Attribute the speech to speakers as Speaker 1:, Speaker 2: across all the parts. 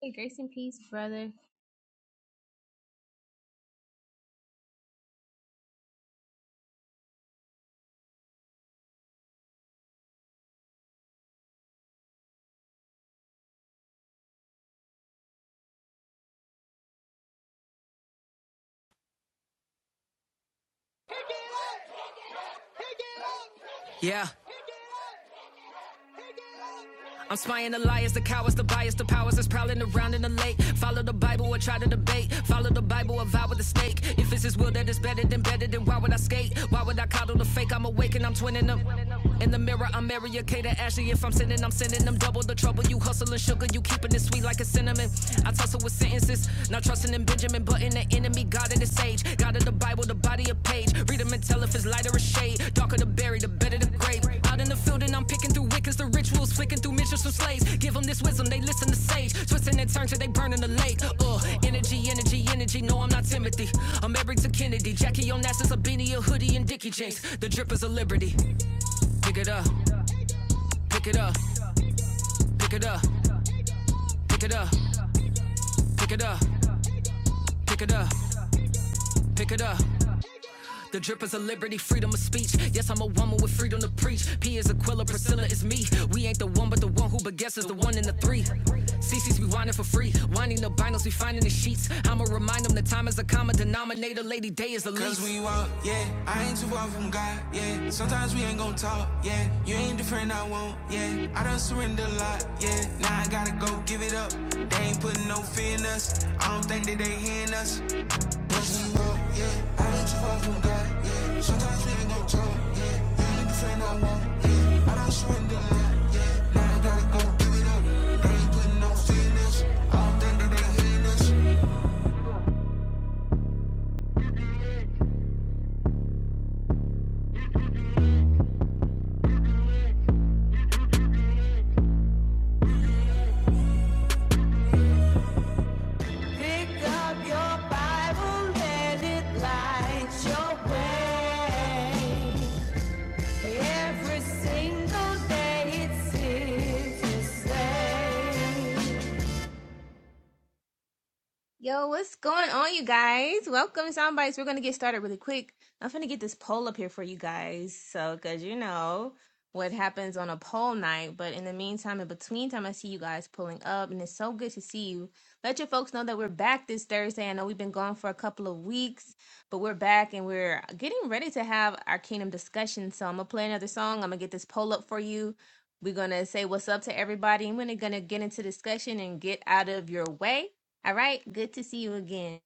Speaker 1: Hey, grace and peace brother
Speaker 2: Yeah. I'm spying the liars, the cowards, the bias, the powers that's prowling around in the lake. Follow the Bible or try to debate. Follow the Bible or vow with a stake. If it's his will that is better than better, then why would I skate? Why would I coddle the fake? I'm awake and I'm twinning them. In the mirror, I'm Mary Kate and Ashley. If I'm sinning, I'm sending them double the trouble. You hustling sugar, you keeping it sweet like a cinnamon. I tussle with sentences, not trusting in Benjamin, but in the enemy, God in the sage. God of the Bible, the body of page. Read them and tell if it's light or a shade. Darker the berry, the better the grape. Out in the field and I'm picking through wickets, the rituals flicking through missions from slaves. Give them this wisdom, they listen to sage. Twisting and turn till they burn in the lake. Uh, energy, energy, energy. No, I'm not Timothy. I'm married to Kennedy. Jackie on NASA's a beanie, a hoodie, and Dickie jeans. The drip is a liberty. Pick it up, pick it up, pick it up, pick it up, pick it up, pick it up, pick it up, pick it up. The drip is a liberty, freedom of speech. Yes, I'm a woman with freedom to preach. P is Aquila, Priscilla is me. We ain't the one, but the one who but guess is the one in the three. C C's we whining for free. Winding the binos, we finding the sheets. I'ma remind them that time is a common denominator. Lady Day is the least. Cause we walk, yeah. I ain't too far from God, yeah. Sometimes we ain't gon' talk, yeah. You ain't the friend I want, yeah. I done surrender a lot, yeah. Now I gotta go give it up. They ain't putting no fear in us. I don't think that they hearing us. Pick up your Bible, let it light your way. Every single day it's here to stay.
Speaker 1: Yo, what's going on, you guys? Welcome to Soundbites. We're going to get started really quick. I'm going to get this poll up here for you guys. So, because you know what happens on a poll night. But in the meantime, in between time, I see you guys pulling up, and it's so good to see you. Let your folks know that we're back this Thursday. I know we've been gone for a couple of weeks, but we're back and we're getting ready to have our kingdom discussion. So, I'm going to play another song. I'm going to get this poll up for you. We're going to say what's up to everybody, and we're going to get into discussion and get out of your way. All right. Good to see you again.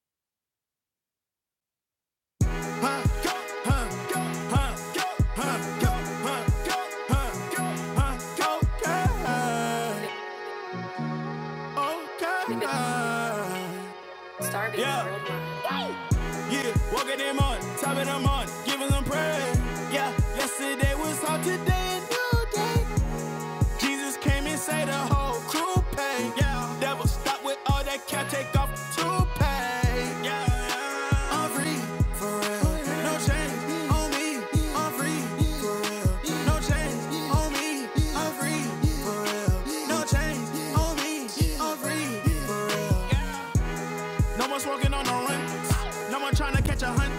Speaker 2: Today a new day. Jesus came and saved the whole crew pain. Yeah. Devil stop with all that can take off the toupee. Yeah. I'm free, for real. No chains on me. I'm free. No chains on me, I'm free. No chains on me, I'm free. Yeah. No more smoking on the run. No more trying to catch a hunt.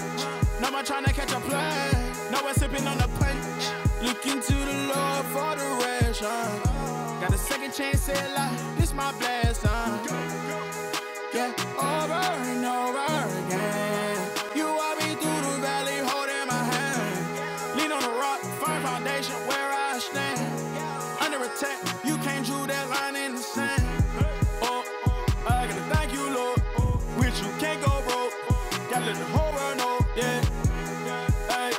Speaker 2: No more trying to catch a play. No more sipping on the punch. Looking to the Lord for the ration. Got a second chance at life. This my blessing. yeah, over and over again. You walk me through the valley, holding my hand. Lean on the rock, firm foundation where I stand. Under attack, you can't drew that line in the sand. Oh, I gotta thank you, Lord. With you can't go broke. Gotta let the whole world know, yeah. Ay,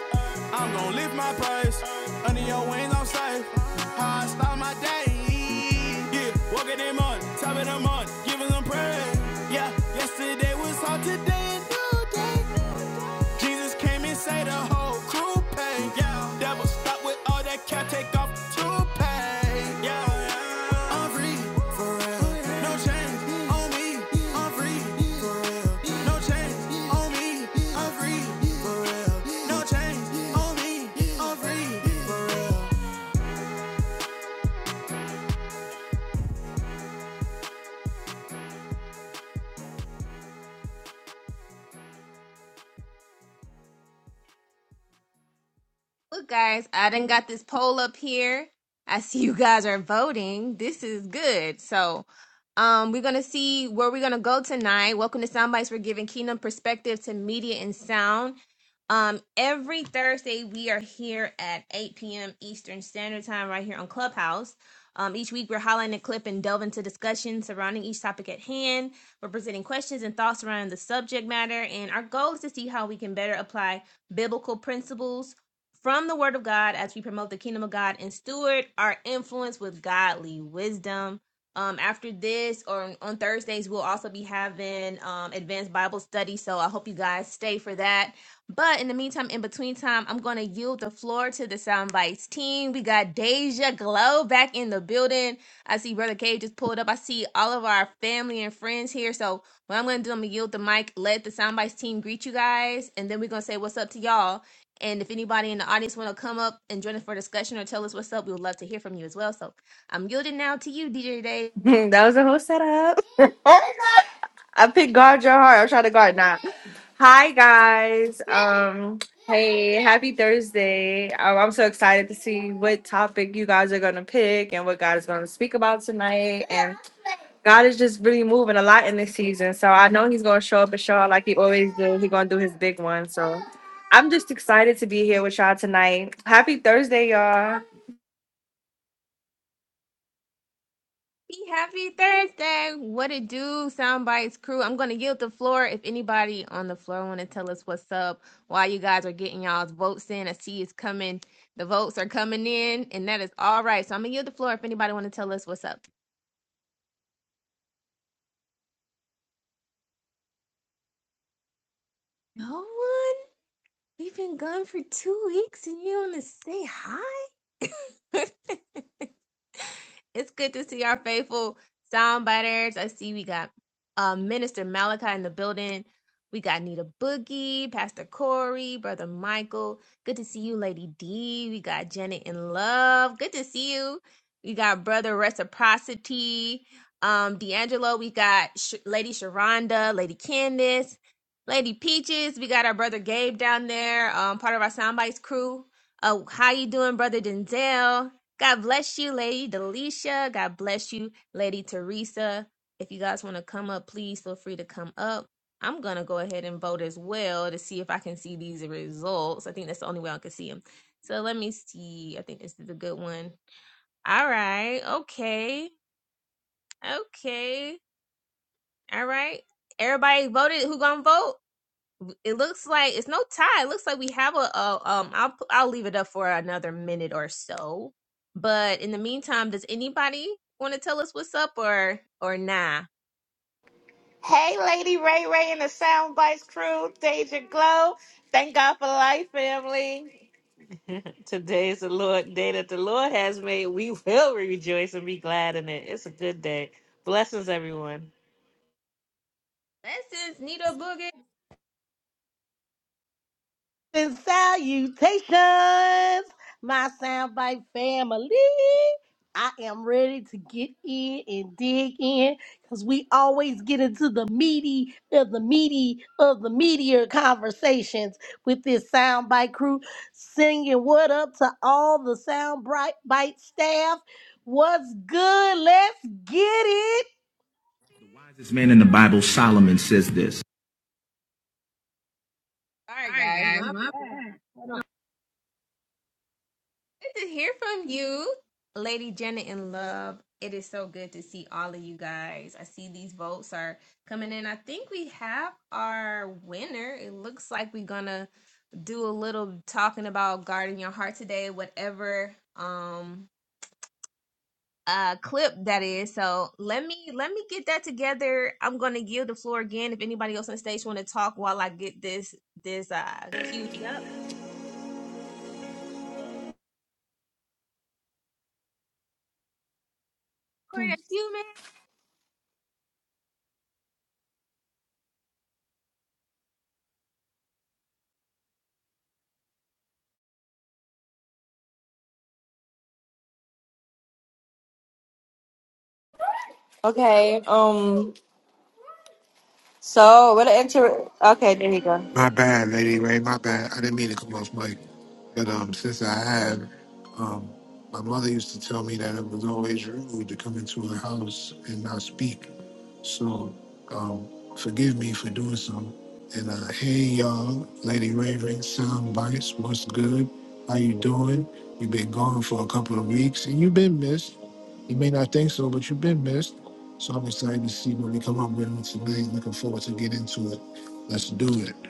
Speaker 2: I'm gon' lift my price. Under your wings, I'm safe. How I start my day. Yeah, walking in money, top of the money, giving them praise. Yeah, yesterday was all today and new day. Jesus came and saved the whole crew pay. Yeah, devil stop with all that cat take off the toupee. Yeah, I'm free, no chains on me. I'm free, no chains on me. I'm free, no chains on me. I'm free.
Speaker 1: Look, guys, I done got this poll up here. I see you guys are voting. This is good. So, um, we're gonna see where we're gonna go tonight. Welcome to Soundbites. We're giving kingdom perspective to media and sound. Um, every Thursday we are here at 8 p.m. Eastern Standard Time, right here on Clubhouse. Um, each week we're highlighting a clip and delve into discussion surrounding each topic at hand. We're presenting questions and thoughts surrounding the subject matter, and our goal is to see how we can better apply biblical principles from the word of God as we promote the kingdom of God and steward our influence with godly wisdom. Um, after this or on Thursdays, we'll also be having um, advanced Bible study. So I hope you guys stay for that. But in the meantime, in between time, I'm going to yield the floor to the Soundbites team. We got Deja Glow back in the building. I see Brother K just pulled up. I see all of our family and friends here. So what I'm going to do, I'm going to yield the mic, let the Soundbites team greet you guys. And then we're going to say what's up to y'all. And if anybody in the audience want to come up and join us for discussion or tell us what's up, we would love to hear from you as well. So I'm yielding now to you, DJ Day.
Speaker 3: that was a whole setup. I picked guard your heart. I'm trying to guard now. Hi guys. Um. Hey, happy Thursday. Um, I'm so excited to see what topic you guys are gonna pick and what God is gonna speak about tonight. And God is just really moving a lot in this season. So I know He's gonna show up and show out like He always do. He's gonna do His big one. So I'm just excited to be here with y'all tonight. Happy Thursday, y'all.
Speaker 1: Be happy Thursday. What it do, Soundbites crew? I'm going to yield the floor. If anybody on the floor want to tell us what's up, why you guys are getting y'all's votes in, I see it's coming. The votes are coming in, and that is all right. So I'm going to yield the floor if anybody want to tell us what's up. No one? We've been gone for two weeks and you want to say hi? it's good to see our faithful soundbiters. I see we got uh, Minister Malachi in the building. We got Nita Boogie, Pastor Corey, Brother Michael. Good to see you, Lady D. We got Janet in Love. Good to see you. We got Brother Reciprocity, um, D'Angelo. We got Sh- Lady Sharonda, Lady Candace. Lady Peaches. We got our brother Gabe down there, um, part of our Soundbites crew. Uh, how you doing, brother Denzel? God bless you, Lady Delisha. God bless you, Lady Teresa. If you guys want to come up, please feel free to come up. I'm gonna go ahead and vote as well to see if I can see these results. I think that's the only way I can see them. So let me see. I think this is a good one. All right. Okay. Okay. All right. Everybody voted. Who gonna vote? it looks like it's no tie. It looks like we have a, a um. I'll pu- I'll leave it up for another minute or so. But in the meantime, does anybody want to tell us what's up or or nah?
Speaker 4: Hey, Lady Ray Ray and the Soundbites crew, Deja Glow. Thank God for life, family. Today is the Lord day that the Lord has made. We will rejoice and be glad in it. It's a good day. Blessings, everyone.
Speaker 1: That's since Nito Boogie.
Speaker 5: and salutations, my soundbite family. I am ready to get in and dig in because we always get into the meaty of the meaty of the meatier conversations with this soundbite crew. Singing what up to all the soundbite bite staff. What's good? Let's get it.
Speaker 1: All right,
Speaker 2: Sorry,
Speaker 1: guys,
Speaker 2: guys.
Speaker 1: my
Speaker 2: My
Speaker 1: bad. Good to hear from you, Lady Janet in Love. It is so good to see all of you guys. I see these votes are coming in. I think we have our winner. It looks like we're gonna do a little talking about guarding your heart today, whatever um uh clip that is. So let me let me get that together. I'm gonna yield the floor again if anybody else on stage want to talk while I get this this uh queued up. Corey, that's you,
Speaker 3: Okay. Um. So what an inter. Okay. There you go.
Speaker 6: My bad, Lady Ray. My bad. I didn't mean to come off mic. But um, since I have, um, my mother used to tell me that it was always rude to come into her house and not speak. So um, forgive me for doing so. And uh, hey, y'all, Lady Raven, Sound Bites, what's good? How you doing? You've been gone for a couple of weeks, and you've been missed. You may not think so, but you've been missed. So I'm excited to see what we come up with tonight. Looking forward to get into it. Let's do it.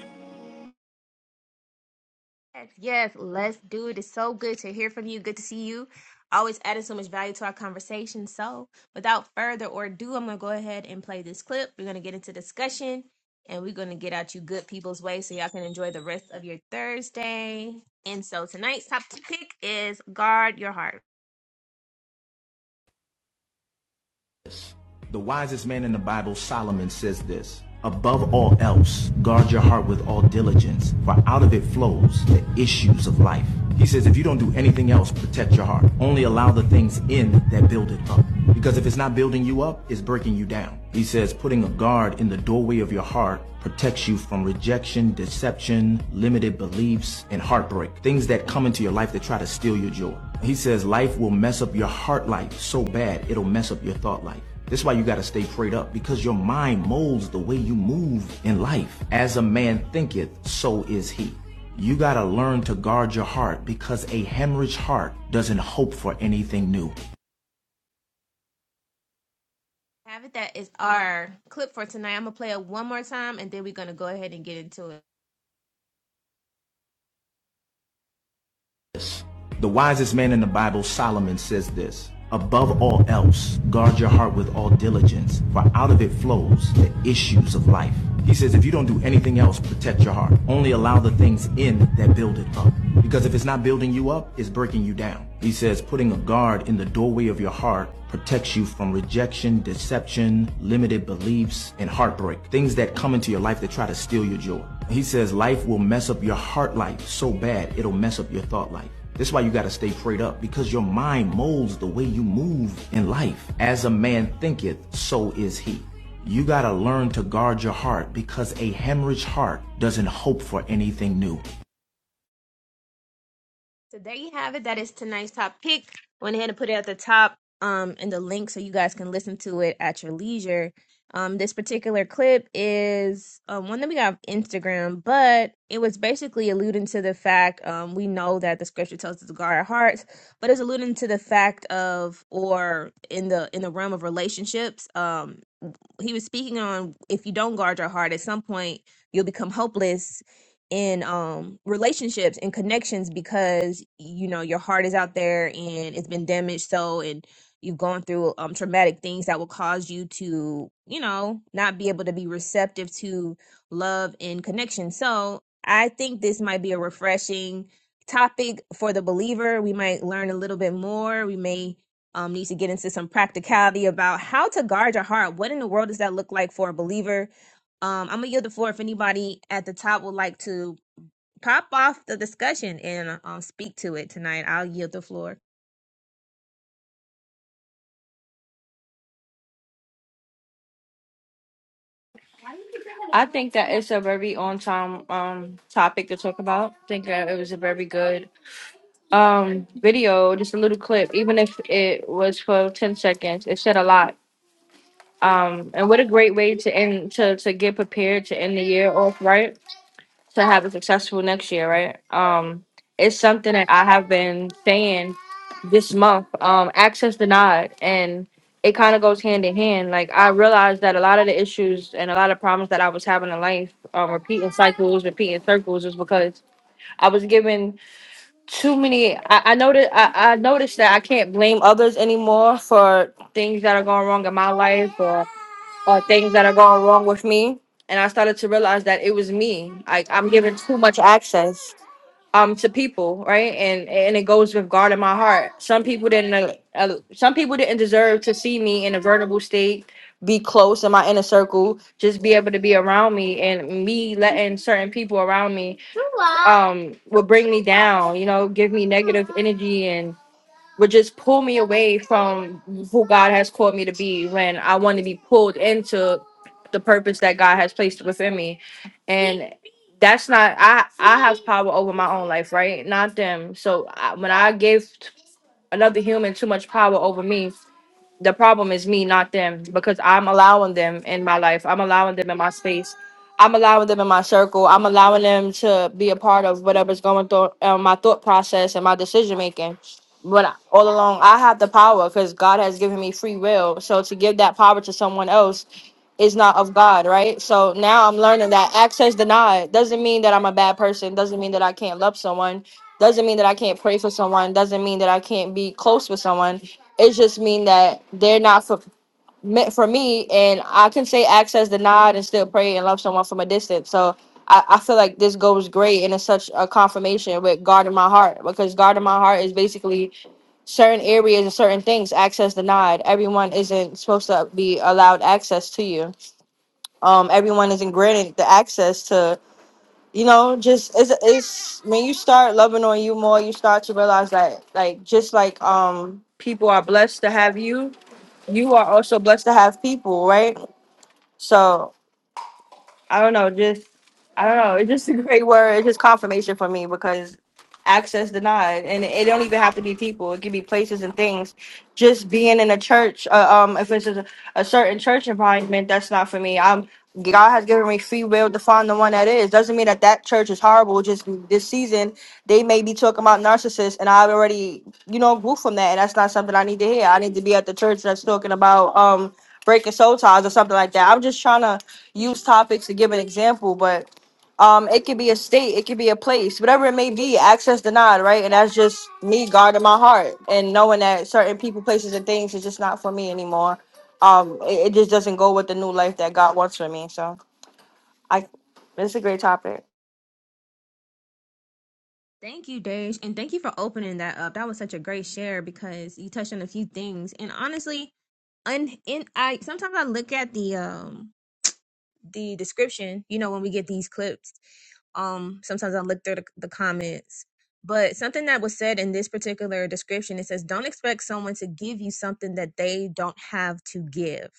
Speaker 1: Yes, yes, let's do it. It's so good to hear from you. Good to see you. Always adding so much value to our conversation. So, without further ado, I'm going to go ahead and play this clip. We're going to get into discussion and we're going to get out you good people's way so y'all can enjoy the rest of your Thursday. And so, tonight's top pick is Guard Your Heart.
Speaker 2: The wisest man in the Bible, Solomon, says this Above all else, guard your heart with all diligence, for out of it flows the issues of life. He says, if you don't do anything else, protect your heart. Only allow the things in that build it up. Because if it's not building you up, it's breaking you down. He says, putting a guard in the doorway of your heart protects you from rejection, deception, limited beliefs, and heartbreak. Things that come into your life that try to steal your joy. He says, life will mess up your heart life so bad, it'll mess up your thought life. This is why you gotta stay prayed up because your mind molds the way you move in life. As a man thinketh, so is he. You gotta learn to guard your heart because a hemorrhaged heart doesn't hope for anything new.
Speaker 1: Have it. That is our clip for tonight. I'm going to play it one more time and then we're going to go ahead and get into it.
Speaker 2: The wisest man in the Bible, Solomon, says this Above all else, guard your heart with all diligence, for out of it flows the issues of life. He says, if you don't do anything else, protect your heart. Only allow the things in that build it up. Because if it's not building you up, it's breaking you down. He says, putting a guard in the doorway of your heart protects you from rejection, deception, limited beliefs, and heartbreak. Things that come into your life that try to steal your joy. He says, life will mess up your heart life so bad, it'll mess up your thought life. That's why you gotta stay prayed up because your mind molds the way you move in life. As a man thinketh, so is he. You gotta learn to guard your heart because a hemorrhaged heart doesn't hope for anything new.
Speaker 1: So there you have it. That is tonight's top pick. Went ahead and put it at the top um in the link so you guys can listen to it at your leisure. Um this particular clip is um one that we got off Instagram, but it was basically alluding to the fact um we know that the scripture tells us to guard our hearts, but it's alluding to the fact of or in the in the realm of relationships. Um he was speaking on if you don't guard your heart at some point you'll become hopeless in um relationships and connections because you know your heart is out there and it's been damaged so and you've gone through um traumatic things that will cause you to you know not be able to be receptive to love and connection so i think this might be a refreshing topic for the believer we might learn a little bit more we may um, needs to get into some practicality about how to guard your heart. What in the world does that look like for a believer? Um, I'm gonna yield the floor if anybody at the top would like to pop off the discussion and um, speak to it tonight. I'll yield the floor.
Speaker 3: I think that it's a very on time um topic to talk about. I think that it was a very good um video, just a little clip, even if it was for ten seconds, it said a lot. Um and what a great way to end to, to get prepared to end the year off right to have a successful next year, right? Um, it's something that I have been saying this month. Um, access denied, and it kind of goes hand in hand. Like I realized that a lot of the issues and a lot of problems that I was having in life, um, repeating cycles, repeating circles, is because I was given too many. I, I noticed. I, I noticed that I can't blame others anymore for things that are going wrong in my life, Or or things that are going wrong with me. And I started to realize that it was me. Like I'm giving too much access um to people, right? And and it goes with God in my heart. Some people didn't uh, uh, some people didn't deserve to see me in a vulnerable state, be close in my inner circle, just be able to be around me and me letting certain people around me um would bring me down, you know, give me negative energy and would just pull me away from who God has called me to be when I want to be pulled into the purpose that God has placed within me. And that's not I I have power over my own life, right? Not them. So I, when I give t- another human too much power over me, the problem is me, not them, because I'm allowing them in my life. I'm allowing them in my space. I'm allowing them in my circle. I'm allowing them to be a part of whatever's going through uh, my thought process and my decision making. But I- all along, I have the power because God has given me free will. So to give that power to someone else is not of God, right? So now I'm learning that access denied doesn't mean that I'm a bad person, doesn't mean that I can't love someone, doesn't mean that I can't pray for someone, doesn't mean that I can't be close with someone. It just mean that they're not for meant for me and I can say access denied and still pray and love someone from a distance. So I, I feel like this goes great and it's such a confirmation with guarding my heart because guarding my heart is basically certain areas and certain things access denied. Everyone isn't supposed to be allowed access to you um everyone isn't granted the access to you know just it's, it's when you start loving on you more you start to realize that like just like um people are blessed to have you you are also blessed to have people right so I don't know, just I don't know. It's just a great word. It's just confirmation for me because access denied, and it don't even have to be people. It could be places and things. Just being in a church, uh, um, if it's a, a certain church environment, that's not for me. I'm God has given me free will to find the one that is. Doesn't mean that that church is horrible. Just this season, they may be talking about narcissists, and I've already, you know, grew from that, and that's not something I need to hear. I need to be at the church that's talking about um breaking soul ties or something like that. I'm just trying to use topics to give an example, but um, it could be a state, it could be a place, whatever it may be, access denied, right? And that's just me guarding my heart and knowing that certain people, places, and things is just not for me anymore. Um, it, it just doesn't go with the new life that God wants for me. So I, it's a great topic.
Speaker 1: Thank you, Dej, and thank you for opening that up. That was such a great share because you touched on a few things. And honestly, un- in I sometimes I look at the um the description, you know, when we get these clips Um, sometimes I look through the, the comments. But something that was said in this particular description, it says, don't expect someone to give you something that they don't have to give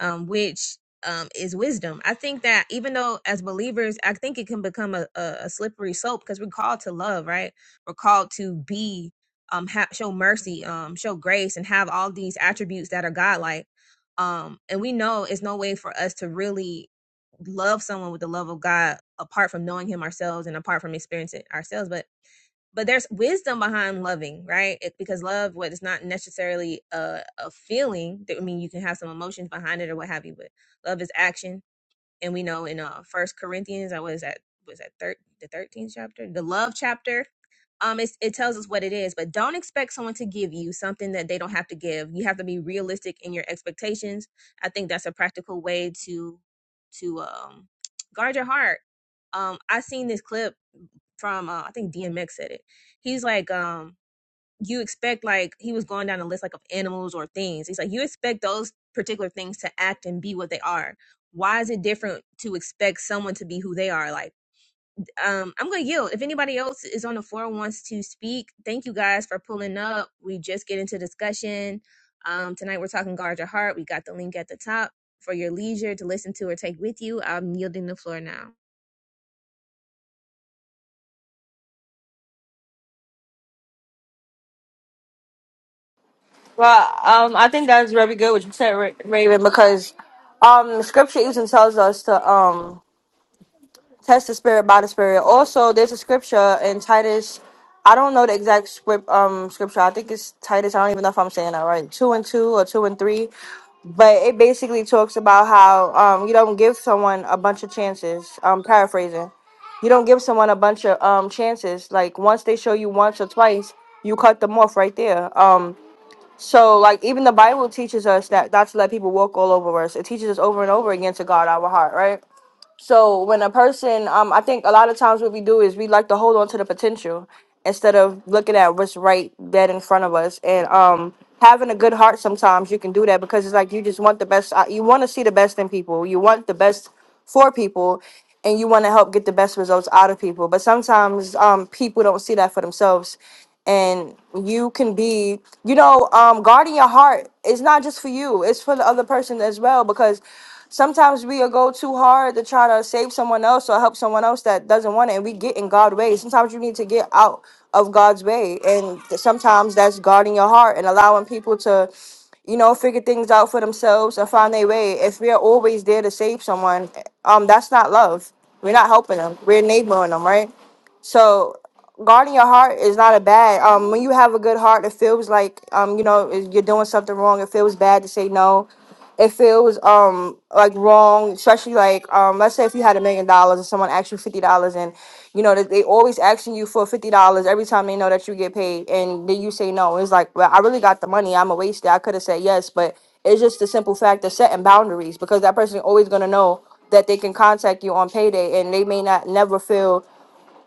Speaker 1: um, which um, is wisdom. I think that even though as believers, I think it can become a, a, a slippery slope because we're called to love, right? We're called to be, um, ha- show mercy, um, show grace, and have all these attributes that are godlike. Um, and we know it's no way for us to really love someone with the love of God apart from knowing Him ourselves and apart from experiencing it ourselves. But but there's wisdom behind loving, right? It, because love, what is not necessarily a, a feeling. That, I mean, you can have some emotions behind it or what have you, but love is action, and we know in uh First Corinthians, I was at was that thir- the thirteenth chapter, the love chapter. Um, it's, it tells us what it is, but don't expect someone to give you something that they don't have to give. You have to be realistic in your expectations. I think that's a practical way to to um guard your heart. Um, I seen this clip from uh, I think DMX said it. He's like, um, you expect like he was going down a list like of animals or things. He's like, you expect those particular things to act and be what they are. Why is it different to expect someone to be who they are? Like, um, I'm gonna yield. If anybody else is on the floor wants to speak, thank you guys for pulling up. We just get into discussion. Um, tonight we're talking guard your heart. We got the link at the top for your leisure to listen to or take with you. I'm yielding the floor now.
Speaker 3: Well, um, I think that's very good what you said, Ra- Raven, because um, scripture even tells us to um test the spirit by the spirit. Also, there's a scripture in Titus. I don't know the exact script um scripture. I think it's Titus. I don't even know if I'm saying that right. Two and two or two and three. But it basically talks about how um you don't give someone a bunch of chances. Um paraphrasing. You don't give someone a bunch of um chances. Like once they show you once or twice, you cut them off right there. Um so like even the Bible teaches us that not to let people walk all over us. It teaches us over and over again to guard our heart, right? So when a person, um, I think a lot of times what we do is we like to hold on to the potential instead of looking at what's right dead in front of us. And um, having a good heart, sometimes you can do that because it's like you just want the best. uh, You want to see the best in people. You want the best for people, and you want to help get the best results out of people. But sometimes um, people don't see that for themselves. And you can be, you know, um, guarding your heart is not just for you; it's for the other person as well because Sometimes we'll go too hard to try to save someone else or help someone else that doesn't want it, and we get in God's way. Sometimes you need to get out of God's way, and th- sometimes that's guarding your heart and allowing people to, you know, figure things out for themselves and find their way. If we're always there to save someone, um, that's not love. We're not helping them. We're enabling them, right? So guarding your heart is not a bad. Um, when you have a good heart, it feels like um, you know, if you're doing something wrong. It feels bad to say no. It feels um like wrong, especially like um, let's say if you had a million dollars and someone asked you fifty dollars, and you know that they always asking you for fifty dollars every time they know that you get paid, and then you say no. It's like, well, I really got the money. I'm a waste. I could have said yes, but it's just the simple fact of setting boundaries because that person is always gonna know that they can contact you on payday and they may not never feel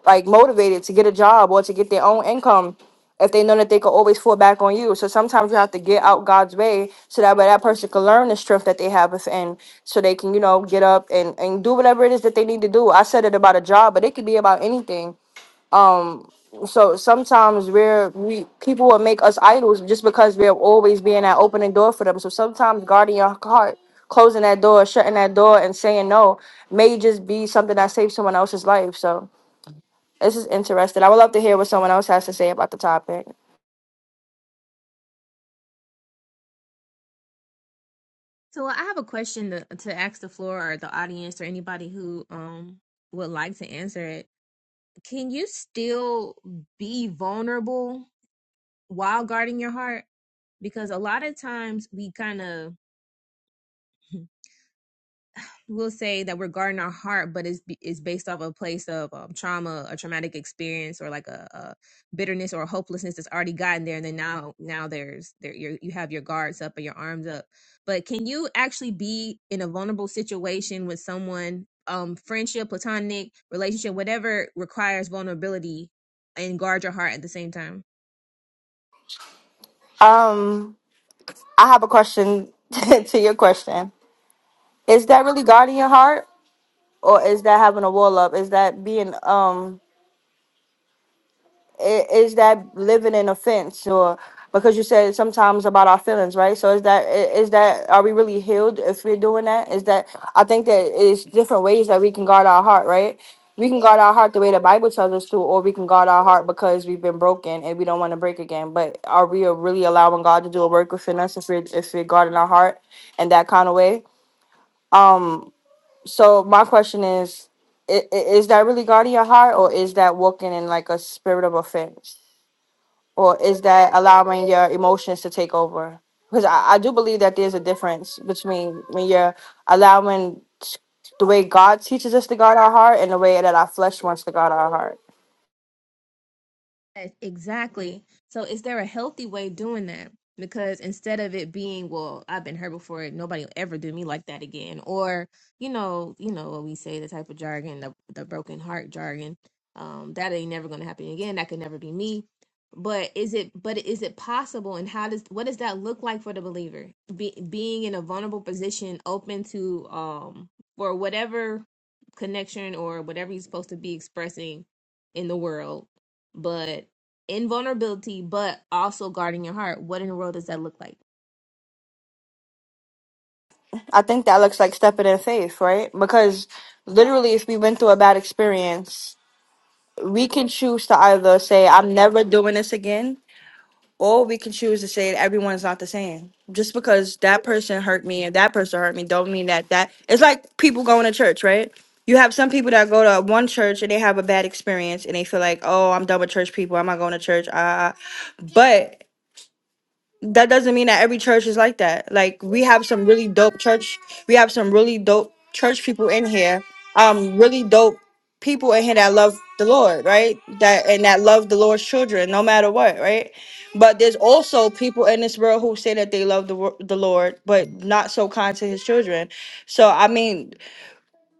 Speaker 3: like motivated to get a job or to get their own income if they know that they can always fall back on you. So sometimes you have to get out God's way so that way that person can learn the strength that they have within so they can, you know, get up and, and do whatever it is that they need to do. I said it about a job, but it could be about anything. So sometimes we're we people will make us idols just because we're always being that opening door for them. So sometimes guarding your heart, closing that door, shutting that door and saying no may just be something that saves someone else's life. So this is interesting. I would love to hear what someone else has to say about the topic.
Speaker 1: So I have a question to, to ask the floor or the audience or anybody who um would like to answer it. Can you still be vulnerable while guarding your heart? Because a lot of times we kind of we will say that we're guarding our heart, but it's it's based off a place of um, trauma, a traumatic experience, or like a, a bitterness or a hopelessness that's already gotten there, and then now now there's there you you have your guards up and your arms up. But can you actually be in a vulnerable situation with someone, um, friendship, platonic relationship, whatever requires vulnerability, and guard your heart at the same time?
Speaker 3: Um, I have a question to your question. Is that really guarding your heart, or is that having a wall up? Is that being um? i- is that living in offense or because you said sometimes about our feelings right so is that i- is that are we really healed if we're doing that is that i think that it's different ways that we can guard our heart right we can guard our heart the way the bible tells us to or we can guard our heart because we've been broken and we don't want to break again but are we really allowing god to do a work within us if we're if we're guarding our heart in that kind of way um so my question is i- i- is that really guarding your heart or is that walking in like a spirit of offense or is that allowing your emotions to take over? Because I, I do believe that there's a difference between when you're allowing s- the way God teaches us to guard our heart and the way that our flesh wants to guard our heart.
Speaker 1: Yes, Exactly. So is there a healthy way of doing that? Because instead of it being, well, I've been hurt before, nobody will ever do me like that again, or you know, you know what we say, the type of jargon, the the broken heart jargon, um, that ain't never gonna happen again. That could never be me. But is it? But is it possible? And how does what does that look like for the believer? Be, being in a vulnerable position, open to um for whatever connection or whatever you're supposed to be expressing in the world but invulnerability, but also guarding your heart. What in the world does that look like?
Speaker 3: I think that looks like stepping in faith, right? Because literally, if we went through a bad experience, we can choose to either say, I'm never doing this again, Or we can choose to say that everyone's not the same. Just because that person hurt me and that person hurt me, don't mean that that. It's like people going to church, right? You have some people that go to one church and they have a bad experience and they feel like, oh, I'm done with church people. I'm not going to church. Ah, that doesn't mean that every church is like that. Like we have some really dope church. We have some really dope church people in here. Um, really dope people in here that love the Lord, right? That and that love the Lord's children, no matter what, right? But there's also people in this world who say that they love the wor- the Lord, but not so kind to His children. So I mean.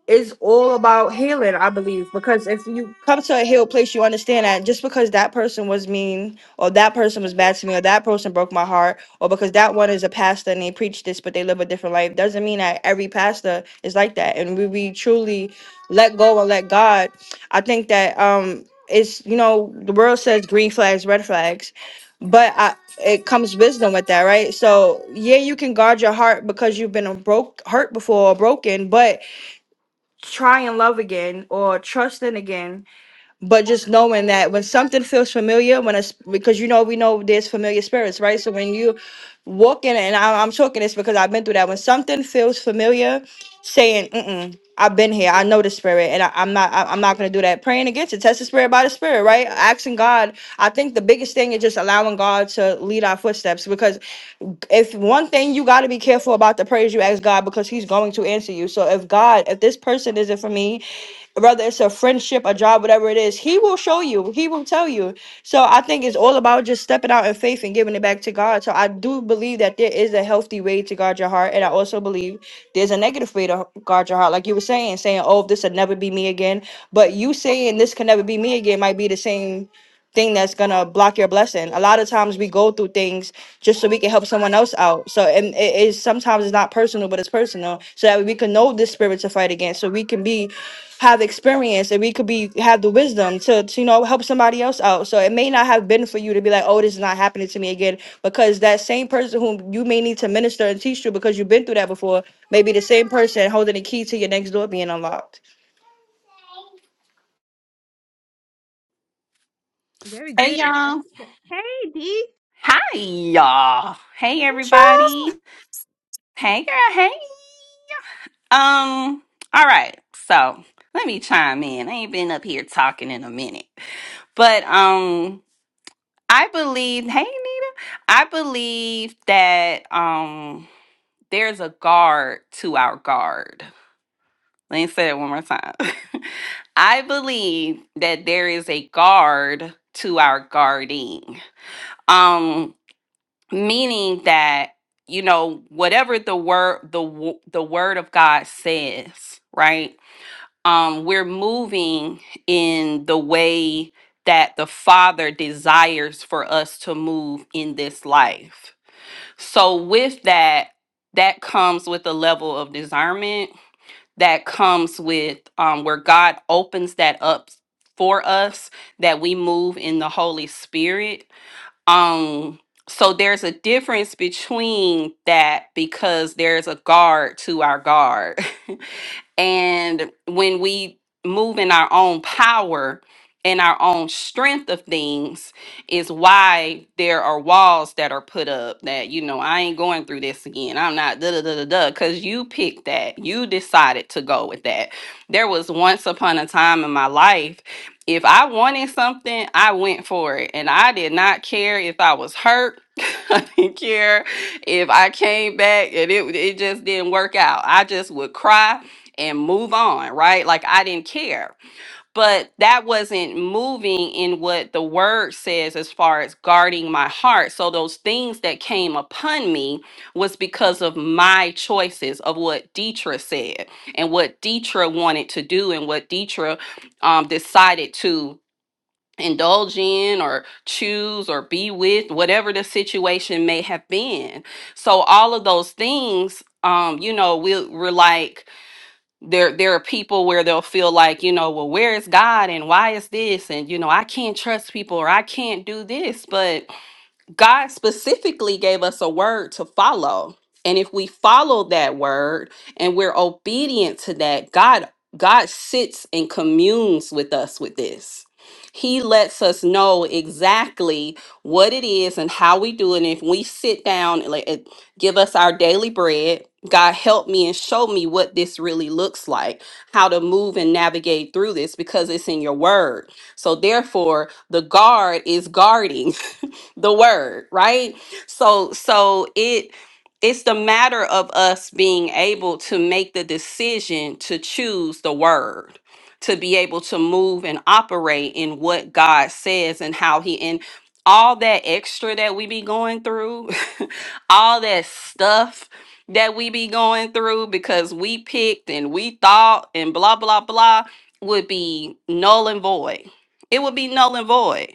Speaker 3: It's all about healing, I believe, because if you come to a healed place, you understand that just because that person was mean, or that person was bad to me, or that person broke my heart, or because that one is a pastor and they preach this, but they live a different life, doesn't mean that every pastor is like that. And we, we truly let go and let God. I think that um, it's you know the world says green flags, red flags, but I, it comes wisdom with that, right? So yeah, you can guard your heart because you've been a broke hurt before or broken, but try and love again or trust in again but just knowing that when something feels familiar when it's because you know we know there's familiar spirits right so when you walk in and I, i'm talking this because i've been through that when something feels familiar saying Mm-mm, i've been here i know the spirit and I, i'm not I, i'm not going to do that praying against it test the spirit by the spirit right asking god i think the biggest thing is just allowing god to lead our footsteps because if one thing you got to be careful about the prayers you ask God because He's going to answer you. So if God, if this person isn't for me, whether it's a friendship, a job, whatever it is, he will show you. He will tell you. So I think it's all about just stepping out in faith and giving it back to God. So I do believe that there is a healthy way to guard your heart. And I also believe there's a negative way to guard your heart. Like you were saying, saying, oh, this will never be me again. But you saying this can never be me again might be the same thing that's gonna block your blessing. A lot of times we go through things just so we can help someone else out. So and it is sometimes it's not personal, but it's personal, so that we can know this spirit to fight against, so we can be have experience and we could be have the wisdom to, to you know help somebody else out. So it may not have been for you to be like, oh, this is not happening to me again, because that same person whom you may need to minister and teach to because you've been through that before, may be the same person holding the key to your next door being unlocked.
Speaker 1: Very
Speaker 7: Hey
Speaker 1: good.
Speaker 7: y'all.
Speaker 1: Hey, D.
Speaker 7: Hi y'all. Hey everybody. Hey girl. Hey. Um, all right. So let me chime in. I ain't been up here talking in a minute. But um I believe hey Nita. I believe that um there's a guard to our guard. Let me say it one more time. I believe that there is a guard to our guarding. Um meaning that you know whatever the word the wo- the word of God says, right? Um we're moving in the way that the Father desires for us to move in this life. So with that that comes with a level of discernment that comes with um where God opens that up for us that we move in the Holy Spirit um, so there's a difference between that because there's a guard to our guard. And when we move in our own power and our own strength of things, is why there are walls that are put up that, you know, I ain't going through this again. I'm not da da da da da. Because you picked that. You decided to go with that. There was once upon a time in my life, if I wanted something, I went for it. And I did not care if I was hurt. I didn't care if I came back and it, it just didn't work out. I just would cry and move on, right? Like I didn't care. But that wasn't moving in what the word says as far as guarding my heart. So those things that came upon me was because of my choices of what Deetra said and what Deetra wanted to do and what Deetra um, decided to indulge in or choose or be with, whatever the situation may have been. So all of those things, um, you know, we, we're like, there there are people where they'll feel like you know well where is god and why is this and you know i can't trust people or i can't do this but God specifically gave us a word to follow. And if we follow that word and we're obedient to that, God God sits and communes with us with this. He lets us know exactly what it is and how we do it. And if we sit down and let it- give us our daily bread, God help me and show me what this really looks like, how to move and navigate through this because it's in your word. So therefore, the guard is guarding the word, right? So so it it's the matter of us being able to make the decision to choose the word to be able to move and operate in what God says and how he and all that extra that we be going through, all that stuff that we be going through because we picked and we thought and blah blah blah would be null and void. It would be null and void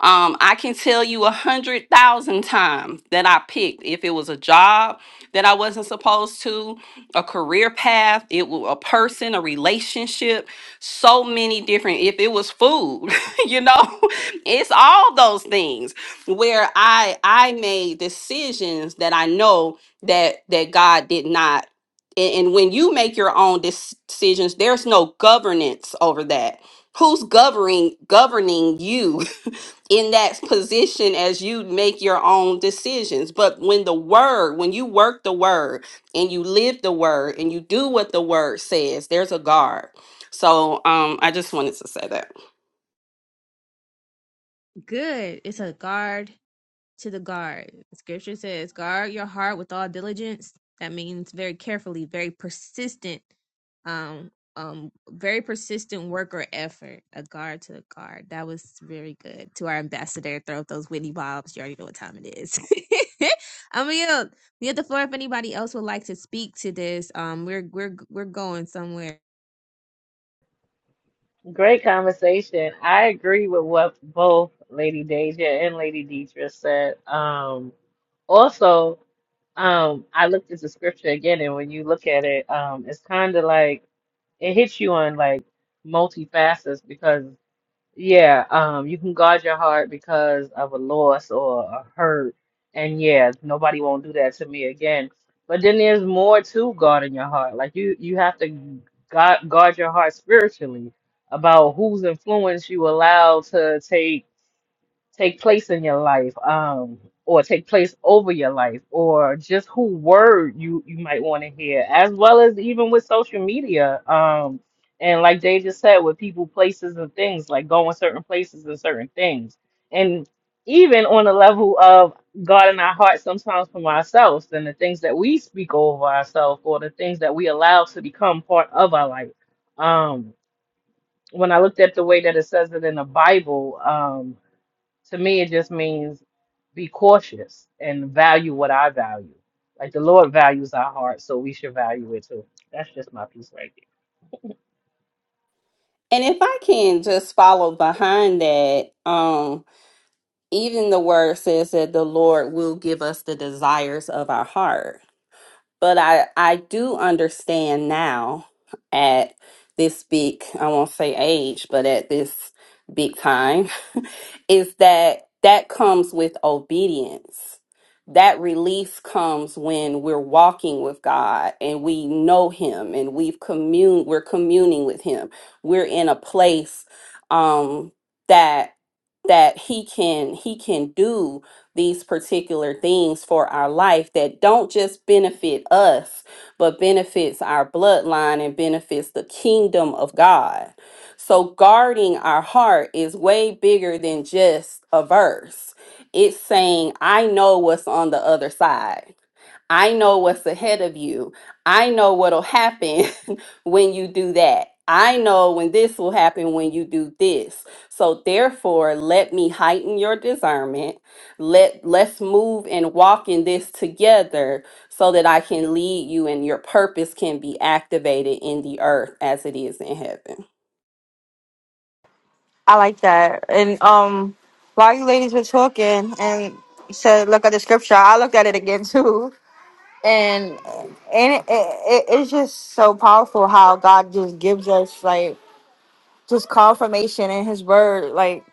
Speaker 7: um, I can tell you a hundred thousand times that I picked if it was a job that I wasn't supposed to, a career path, it was a person, a relationship, so many different. If it was food, you know, it's all those things where I I made decisions that I know that that God did not. And and when you make your own dis- decisions, there's no governance over that who's governing governing you in that position as you make your own decisions. But when the word, when you work the word and you live the word and you do what the word says, there's a guard. So um I just wanted to say that.
Speaker 1: Good. It's a guard. to the guard. Scripture says, guard your heart with all diligence. That means very carefully, very persistent, um, um, very persistent work or effort. A guard to the guard. That was very good. To our ambassador, throw up those Whitney Bobs. You already know what time it is. I'm gonna yield. yield the floor if anybody else would like to speak to this. Um, we're we're we're going somewhere.
Speaker 4: Great conversation. I agree with what both Lady Deja and Lady Deidre said. Um, also, um, I looked at the scripture again, and when you look at it, um, it's kind of like it hits you on like multifacets facets Yeah, um, you can guard your heart because of a loss or a hurt. And yeah, nobody won't do that to me again. But then there's more to guarding your heart. Like you, you have to guard, guard your heart spiritually about whose influence you allow to take take place in your life um or take place over your life or just who word you you might want to hear as well as even with social media um and like Jay just said with people places and things like going certain places and certain things and even on the level of God in our hearts sometimes for ourselves and the things that we speak over ourselves or the things that we allow to become part of our life um when I looked at the way that it says it in the Bible um, to me it just means be cautious and value what I value. Like the Lord values our heart, so we should value it too. That's just my piece right there.
Speaker 7: And if I can just follow behind that, um even the word says that the Lord will give us the desires of our heart. But I, I do understand now at this big, I won't say age, but at this big time, is that that comes with obedience. That release comes when we're walking with God and we know Him and we've commune, we're communing with Him. We're in a place um, that that He can He can do these particular things for our life that don't just benefit us, but benefits our bloodline and benefits the kingdom of God. So, guarding our heart is way bigger than just a verse. It's saying, I know what's on the other side. I know what's ahead of you. I know what'll happen when you do that. I know when this will happen when you do this. So therefore, let me heighten your discernment. Let let's move and walk in this together so that I can lead you and your purpose can be activated in the earth as it is in heaven.
Speaker 3: I like that. And um, while you ladies were talking and you said, look at the scripture, I looked at it again too. And, and it, it, it's just so powerful how God just gives us like just confirmation in His Word. Like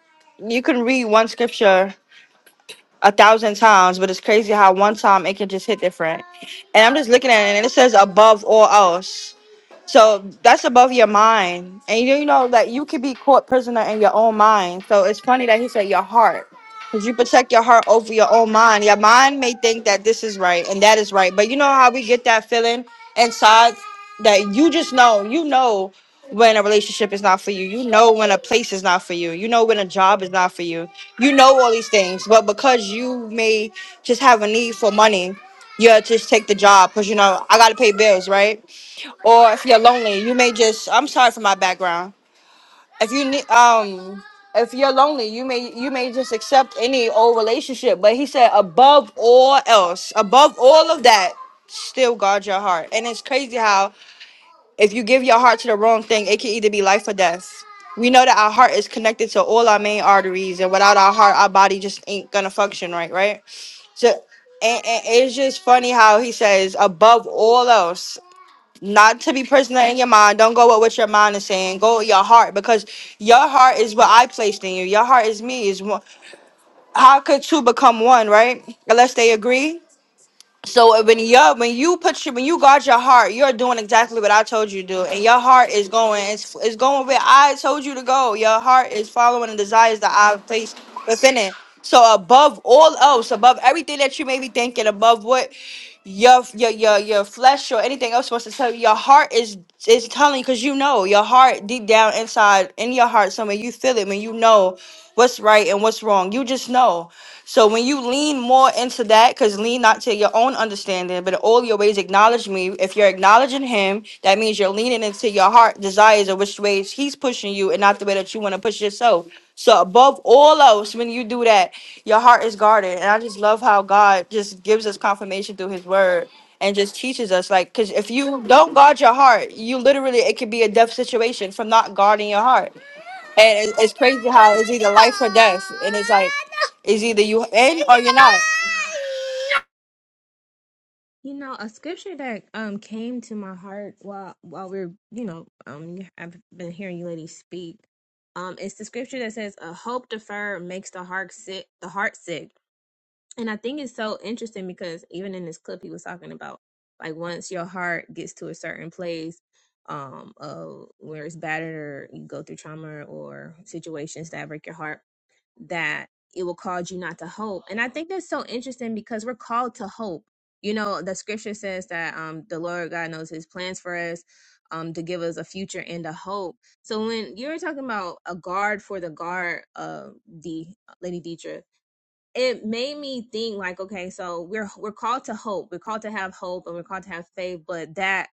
Speaker 3: you can read one scripture a thousand times, but it's crazy how one time it can just hit different. And I'm just looking at it and it says above all else. So that's above your mind. And you know that you could be caught prisoner in your own mind. So it's funny that he said your heart. Because you protect your heart over your own mind. Your mind may think that this is right and that is right. But you know how we get that feeling inside that you just know, you know when a relationship is not for you. You know when a place is not for you. You know when a job is not for you. You know all these things. But because you may just have a need for money, you just take the job because you know I gotta pay bills, right? or if you're lonely, you may just I'm sorry for my background. If you need um if you're lonely, you may you may just accept any old relationship. But he said above all else, above all of that, still guard your heart. And it's crazy how if you give your heart to the wrong thing, it can either be life or death. We know that our heart is connected to all our main arteries, and without our heart, our body just ain't gonna function right, right? So and, and it's just funny how he says above all else not to be prisoner in your mind. Don't go with what your mind is saying. Go with your heart because your heart is what I placed in you. Your heart is me. Is one. How could two become one, right? Unless they agree. So uh, when you when you put your when you guard your heart, you're doing exactly what I told you to do, and your heart is going it's it's going where I told you to go. Your heart is following the desires that I've placed within it. So above all else, above everything that you may be thinking, above what your your your your flesh or anything else wants to tell you, your heart is is telling because you know your heart deep down inside in your heart somewhere you feel it when you know what's right and what's wrong. You just know. So when you lean more into that, because lean not to your own understanding, but in all your ways acknowledge me. If you're acknowledging him, that means you're leaning into your heart desires of which ways he's pushing you and not the way that you want to push yourself. So above all else, when you do that, your heart is guarded. And I just love how God just gives us confirmation through his word and just teaches us like because if you don't guard your heart you literally it could be a death situation from not guarding your heart and it- it's crazy how it's either life or death, and it's like it's either you in or you're not.
Speaker 1: You know, a scripture that um came to my heart while while we're you know um I've been hearing you ladies speak, um it's the scripture that says a hope deferred makes the heart sick the heart sick and I think it's so interesting because even in this clip, he was talking about like once your heart gets to a certain place, um, of where it's battered or you go through trauma or situations that break your heart, that it will cause you not to hope. And I think that's so interesting because we're called to hope. You know, the scripture says that um the Lord God knows his plans for us, um, to give us a future and a hope. So when you're talking about a guard for the guard, uh D Lady Deidre, it made me think like okay so we're we're called to hope we're called to have hope and we're called to have faith but that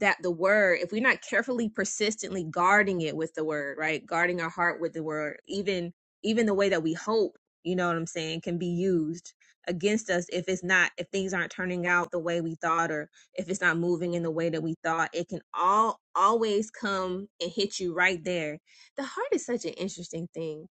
Speaker 1: that the word if we're not carefully persistently guarding it with the word right guarding our heart with the word even even the way that we hope you know what i'm saying can be used against us if it's not if things aren't turning out the way we thought or if it's not moving in the way that we thought it can all always come and hit you right there the heart is such an interesting thing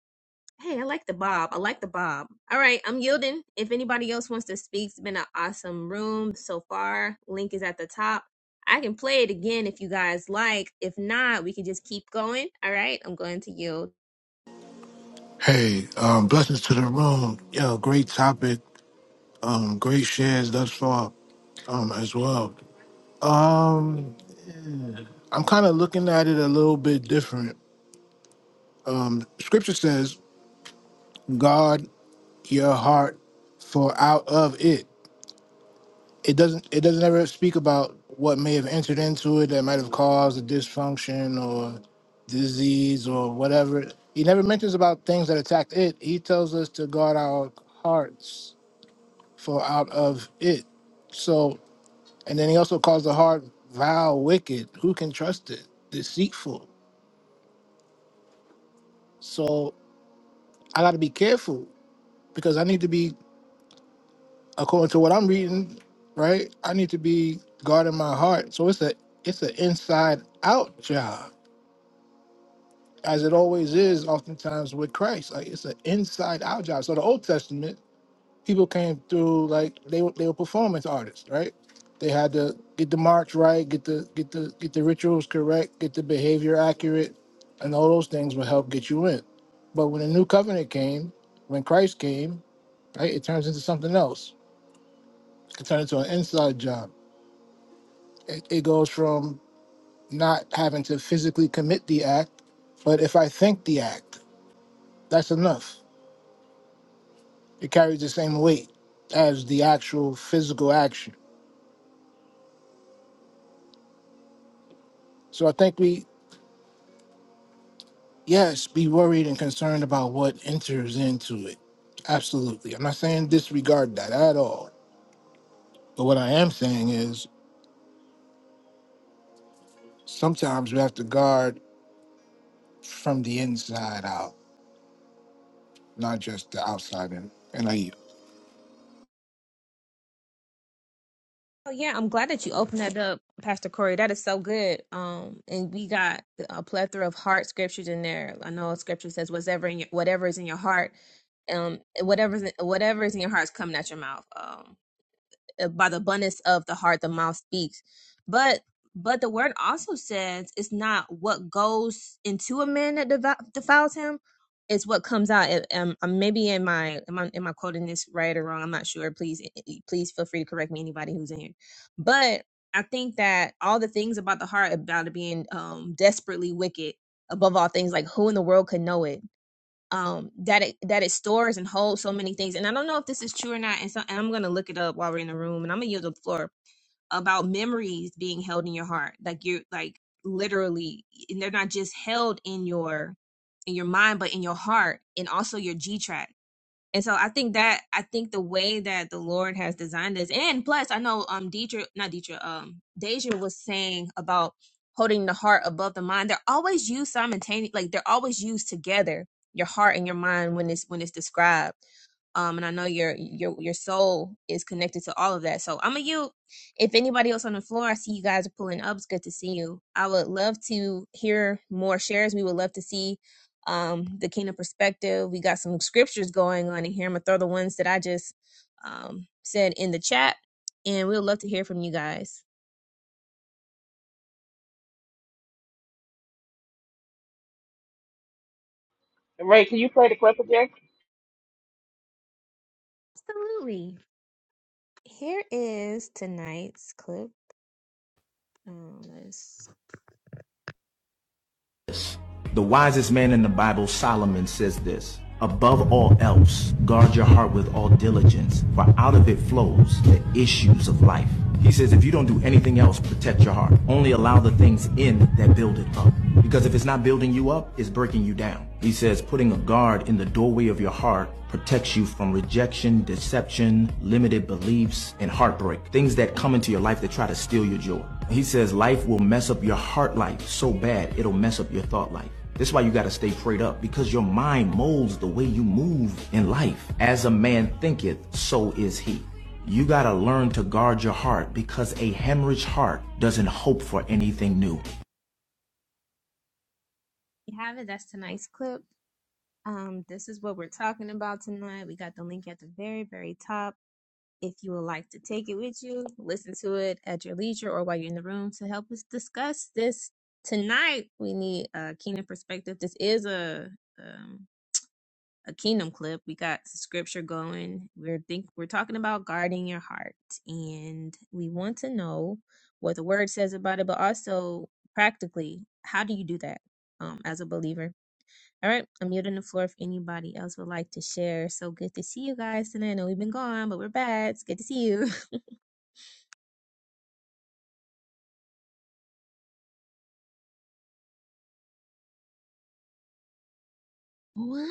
Speaker 1: Hey, I like the bob. I like the bob. All right, I'm yielding. If anybody else wants to speak, it's been an awesome room so far. Link is at the top. I can play it again if you guys like. If not, we can just keep going. All right, I'm going to yield.
Speaker 6: Hey, um, blessings to the room. Yo, great topic. Um, great shares thus far, um, as well. Um, I'm kind of looking at it a little bit different. Um, scripture says, "Guard your heart, for out of it." It doesn't. It doesn't ever speak about what may have entered into it that might have caused a dysfunction or disease or whatever. He never mentions about things that attacked it. He tells us to guard our hearts for out of it. So, and then he also calls the heart vile, wicked. Who can trust it? Deceitful. So I got to be careful because I need to be, according to what I'm reading, right? I need to be guarding my heart. So it's a it's an inside out job, as it always is. Oftentimes with Christ, like it's an inside out job. So the Old Testament people came through like they were they were performance artists, right? They had to get the march right, get the get the get the rituals correct, get the behavior accurate, and all those things will help get you in. But when the new covenant came, when Christ came, right, it turns into something else. It turns into an inside job. It, it goes from not having to physically commit the act, but if I think the act, that's enough. It carries the same weight as the actual physical action. So I think we Yes, be worried and concerned about what enters into it. Absolutely. I'm not saying disregard that at all. But what I am saying is sometimes we have to guard from the inside out, not just the outside in. And I yield.
Speaker 1: Oh yeah, I'm glad that you opened that up, Pastor Corey. That is so good. Um, and we got a plethora of heart scriptures in there. I know scripture says whatever in your, whatever is in your heart, um, whatever's in, whatever is in your heart is coming at your mouth. Um. uh, by the abundance of the heart the mouth speaks but but the word also says it's not what goes into a man that devou- defiles him it's what comes out It- um, um, maybe in my am I, am I quoting this right or wrong i'm not sure please eh, eh, please feel free to correct me anybody who's in here but i think that all the things about the heart about it being um desperately wicked above all things like who in the world could know it um that it that it stores and holds so many things and i don't know if this is true or not and so and i'm gonna look it up while we're in the room and i'm gonna yield the floor about memories being held in your heart like you're like literally and they're not just held in your in your mind but in your heart and also your g track. And so I think that I think the way that the Lord has designed this, and plus I know um Deidre, not Deidre, um Deja was saying about holding the heart above the mind. They're always used simultaneously, like they're always used together, your heart and your mind when it's when it's described. Um, and I know your your your soul is connected to all of that. So I'm a you. If anybody else on the floor, I see you guys are pulling up. It's good to see you. I would love to hear more shares. We would love to see um, the kingdom perspective. We got some scriptures going on in here. I'm gonna throw the ones that I just um, said in the chat, and we'd love to hear from you guys.
Speaker 4: Ray, can you play the clip again?
Speaker 1: Absolutely. Here is tonight's clip. Um, let's
Speaker 2: The wisest man in the Bible, Solomon, says this Above all else, guard your heart with all diligence, for out of it flows the issues of life. He says, if you don't do anything else, protect your heart. Only allow the things in that build it up. Because if it's not building you up, it's breaking you down. He says, putting a guard in the doorway of your heart protects you from rejection, deception, limited beliefs, and heartbreak. Things that come into your life that try to steal your joy. He says, life will mess up your heart life so bad, it'll mess up your thought life. This is why you got to stay prayed up because your mind molds the way you move in life. As a man thinketh, so is he. You got to learn to guard your heart because a hemorrhage heart doesn't hope for anything new.
Speaker 1: you have it. That's tonight's clip. Um, this is what we're talking about tonight. We got the link at the very, very top If you would like to take it with you, listen to it at your leisure or while you're in the room to help us discuss this tonight. We need a kingdom perspective. This is a um, a kingdom clip. We got scripture going. We're think we're talking about guarding your heart, and we want to know what the word says about it, but also practically, how do you do that um, as a believer? All right, I'm muting the floor if anybody else would like to share. So good to see you guys tonight. I know we've been gone, but we're back. It's good to see you. One?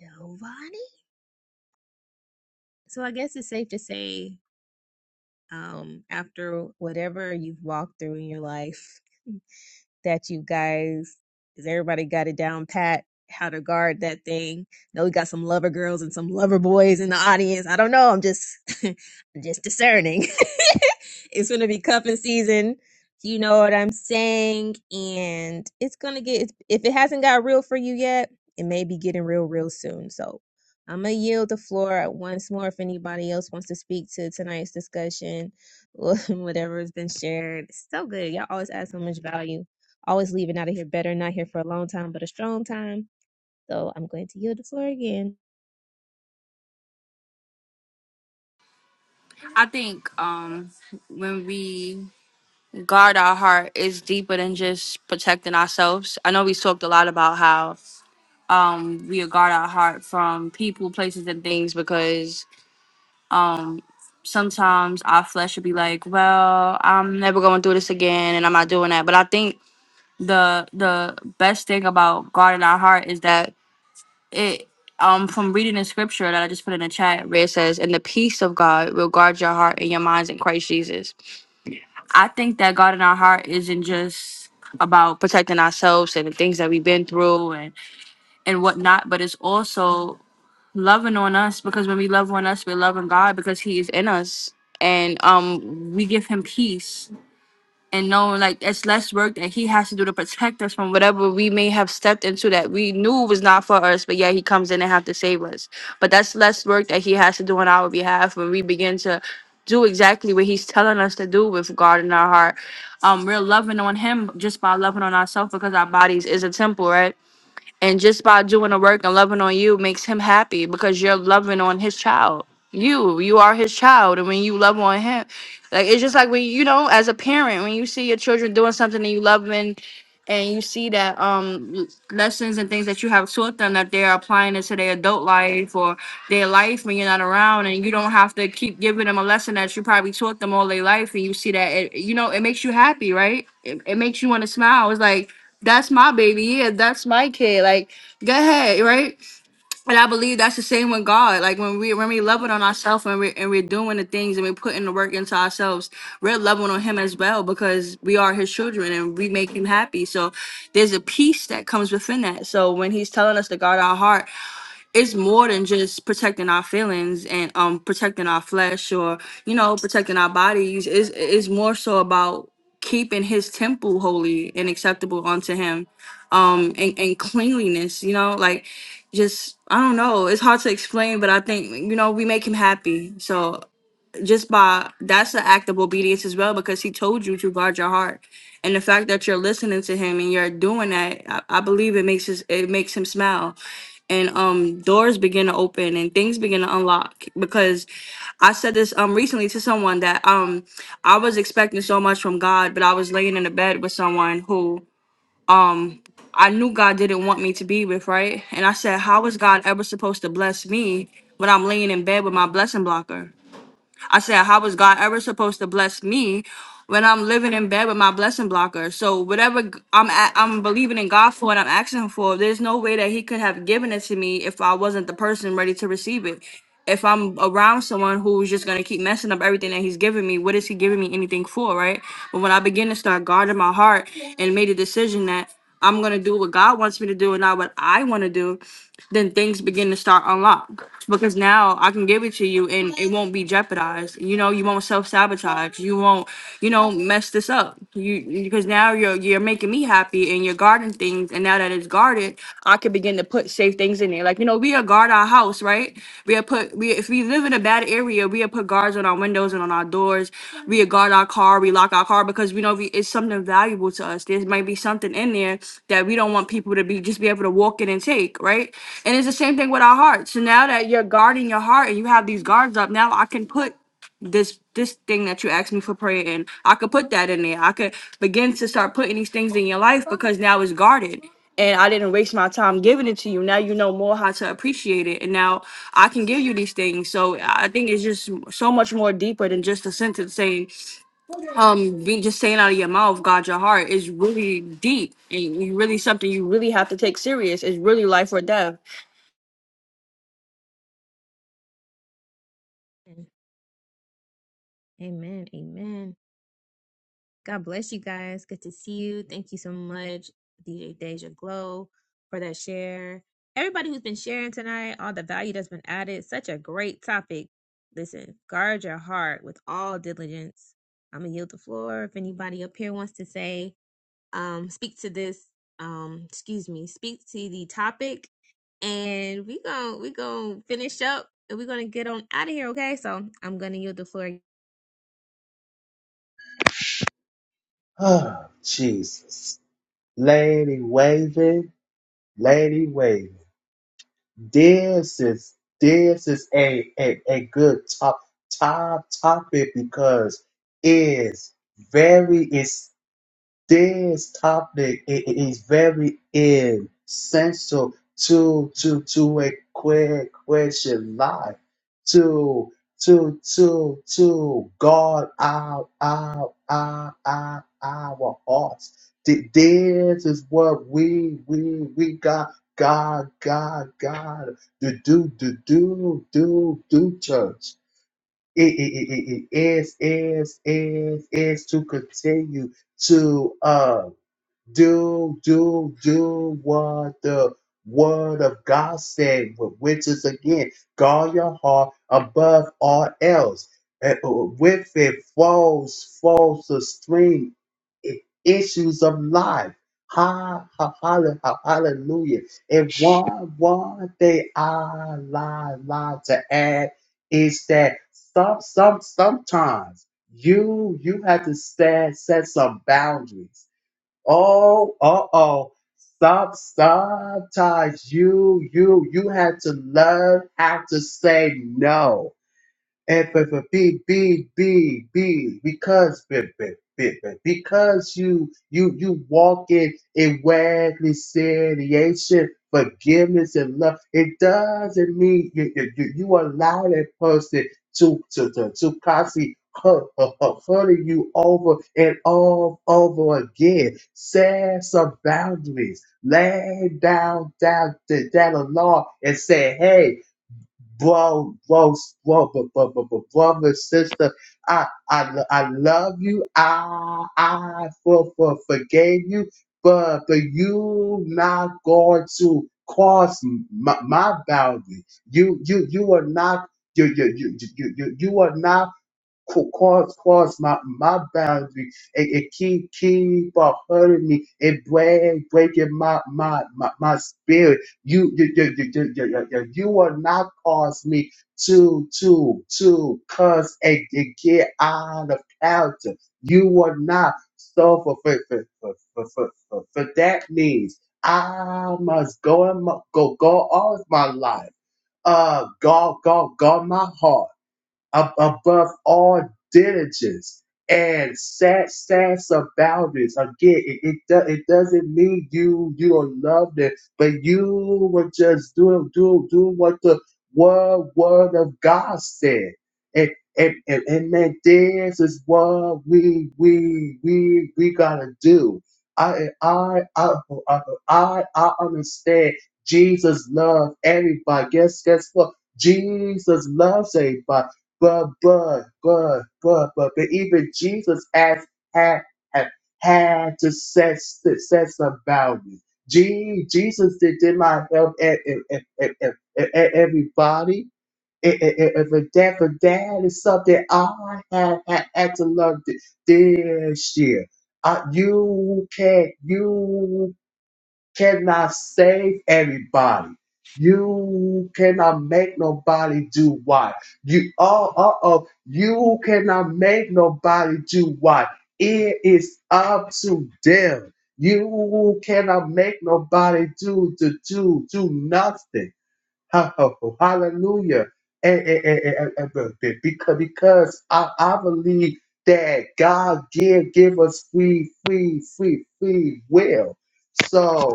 Speaker 1: Nobody? So I guess it's safe to say, um, after whatever you've walked through in your life, that you guys. Is everybody got it down pat? How to guard that thing? I know we got some lover girls and some lover boys in the audience. I don't know. I'm just, I'm just discerning. it's gonna be cuffing season. You know what I'm saying? And it's gonna get. If it hasn't got real for you yet, it may be getting real real soon. So I'm gonna yield the floor once more if anybody else wants to speak to tonight's discussion or whatever has been shared. It's so good. Y'all always add so much value. Always leaving out of here better, not here for a long time, but a strong time. So I'm going to yield the floor again.
Speaker 3: I think um, when we guard our heart, it's deeper than just protecting ourselves. I know we talked a lot about how um, we guard our heart from people, places, and things because um, sometimes our flesh would be like, "Well, I'm never going through this again, and I'm not doing that." But I think the the best thing about guarding our heart is that it um from reading the scripture that I just put in the chat where it says, And the peace of God will guard your heart and your minds in Christ Jesus. I think that God in our heart isn't just about protecting ourselves and the things that we've been through and, and whatnot, but it's also loving on us because when we love on us, we're loving God because He is in us. And um we give him peace and knowing like it's less work that he has to do to protect us from whatever we may have stepped into that we knew was not for us, but yeah, he comes in and have to save us. But that's less work that he has to do on our behalf when we begin to do exactly what he's telling us to do with God in our heart. Um, we're loving on him just by loving on ourselves because our bodies is a temple, right? And just by doing the work and loving on you makes him happy because you're loving on his child. You, you are his child. And when you love on him, like it's just like when you know, as a parent, when you see your children doing something and you love and and you see that um lessons and things that you have taught them that they're applying it to their adult life or their life when you're not around and you don't have to keep giving them a lesson that you probably taught them all their life and you see that it you know it makes you happy right it, it makes you want to smile it's like that's my baby. Yeah, that's my kid. Like, go ahead, right? And I believe that's the same with God. Like when we when we love it on ourselves and we and we're doing the things and we're putting the work into ourselves, we're loving on Him as well because we are His children and we make Him happy. So there's a peace that comes within that. So when He's telling us to guard our heart it's more than just protecting our feelings and um protecting our flesh or you know protecting our bodies is is more so about keeping his temple holy and acceptable unto him um and, and cleanliness you know like just i don't know it's hard to explain but i think you know we make him happy so just by that's an act of obedience as well because he told you to guard your heart and the fact that you're listening to him and you're doing that i, I believe it makes his, it makes him smile and um doors begin to open and things begin to unlock because i said this um recently to someone that um i was expecting so much from god but i was laying in the bed with someone who um i knew god didn't want me to be with right and i said how is god ever supposed to bless me when i'm laying in bed with my blessing blocker I said, How was God ever supposed to bless me when I'm living in bed with my blessing blocker? So whatever g- I'm a- I'm believing in God for and I'm asking him for, there's no way that he could have given it to me if I wasn't the person ready to receive it. If I'm around someone who's just gonna keep messing up everything that he's giving me, what is he giving me anything for, right? But when I begin to start guarding my heart and made a decision that I'm gonna do what God wants me to do and not what I want to do, then things begin to start unlock. Because now I can give it to you and it won't be jeopardized. You know, you won't self sabotage. You won't, you know, mess this up. You because now you're you're making me happy and you're guarding things. And now that it's guarded, I can begin to put safe things in there. Like you know, we we'll guard our house, right? We'll put we if we live in a bad area, we'll put guards on our windows and on our doors. We'll guard our car, we lock our car because we know we, it's something valuable to us. There might be something in there that we don't want people to be just be able to walk in and take, right? And it's the same thing with our heart. So now that you're guarding your heart and you have these guards up, now I can put this this thing that you asked me for prayer in i could put that in there i could begin to start putting these things in your life because now it's guarded and i didn't waste my time giving it to you now you know more how to appreciate it and now i can give you these things so i think it's just so much more deeper than just a sentence saying um be just saying out of your mouth god your heart is really deep and you really something you really have to take serious it's really life or death
Speaker 1: Amen. Amen. God bless you guys. Good to see you. Thank you so much, DJ Deja Glow, for that share. Everybody who's been sharing tonight, all the value that's been added, such a great topic. Listen, guard your heart with all diligence. I'm gonna yield the floor. If anybody up here wants to say, um, speak to this, um, excuse me, speak to the topic, and we gon' we gonna finish up and we're gonna get on out of here. Okay, so I'm gonna yield the floor
Speaker 8: Oh, Jesus. Lady waving, lady waving. This is this is a, a, a good top top topic because it's very it's this topic i- i- is very essential to to to a quick question life to to to to guard our our our our, our hearts. Th- This is what we we we got God God God to do to do do do church. It, it, it, it it is is is is to continue to uh. Do, do, do what the word of God said, which is again, guard your heart above all else. And uh, with it flows, flows the stream, i- issues of life. Ha, ha, halle- ha, hallelujah. And one, one thing I like like to add is that some, some, sometimes you, you have to set, set some boundaries Oh, oh, oh. Stop, sometimes you, you, you had to learn how to say no. F F F B B B B because B B B B because you you you walk in in wag reconciliation, forgiveness and love. It doesn't mean you you, you you allow that person to to to, to constantly hu- hu- hu- hurting you over and all over again. Set some boundaries. Lay down down to that law and say, hey bro, bro, bro, bro, bro, bro, bro, brother, sister. I, I, lo- I love you. I, I for, for forgave you, but but you not going to cross my, my boundary. You, you, you are not. You, you, you, you, you, you are not ca- cause cause my my boundary and, and keep keep on hurting me and break breaking my my my, my spirit. You you, you, you, you, you, you you- you will not cause me to to to cause and, and get out of character. You will not suffer for for for for, for, for, for that means. I must go and go go all of my life. Uh, God, God, God, my heart ab- above all diligence and sad stats about this again it, it, do- it doesn't mean you you don't love them but you will just do do do what the word word of god said and and, and, and man this is what we we we we gotta do i i i i, I I understand jesus loves everybody guess guess what jesus loves everybody but, but, but, but, but, but even Jesus has had had, had to say to say something about it. Gee, Jesus did, did not help e- e- e- e- e- e- e- everybody. And for that, for that is something I had, had, had to learn th- this year. Uh, you can't, you cannot save everybody. You cannot make nobody do what you oh uh oh. You cannot make nobody do what it is up to them. You cannot make nobody do to do do nothing. Hallelujah. And, and, and, and, and- and- because because I, I believe that God give give us free free free free will. So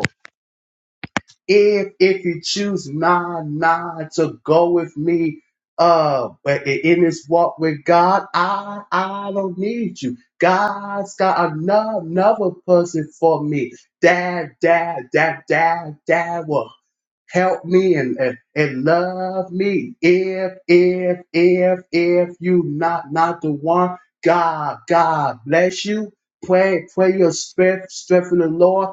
Speaker 8: if if you choose not not to go with me uh but i- in this walk with God, I I don't need you. God's got another, another person for me. Dad, dad, dad, dad, dad will help me and, and, and love me. If if if if you not not the one, God, God bless you. Pray, pray your strength, strength in the Lord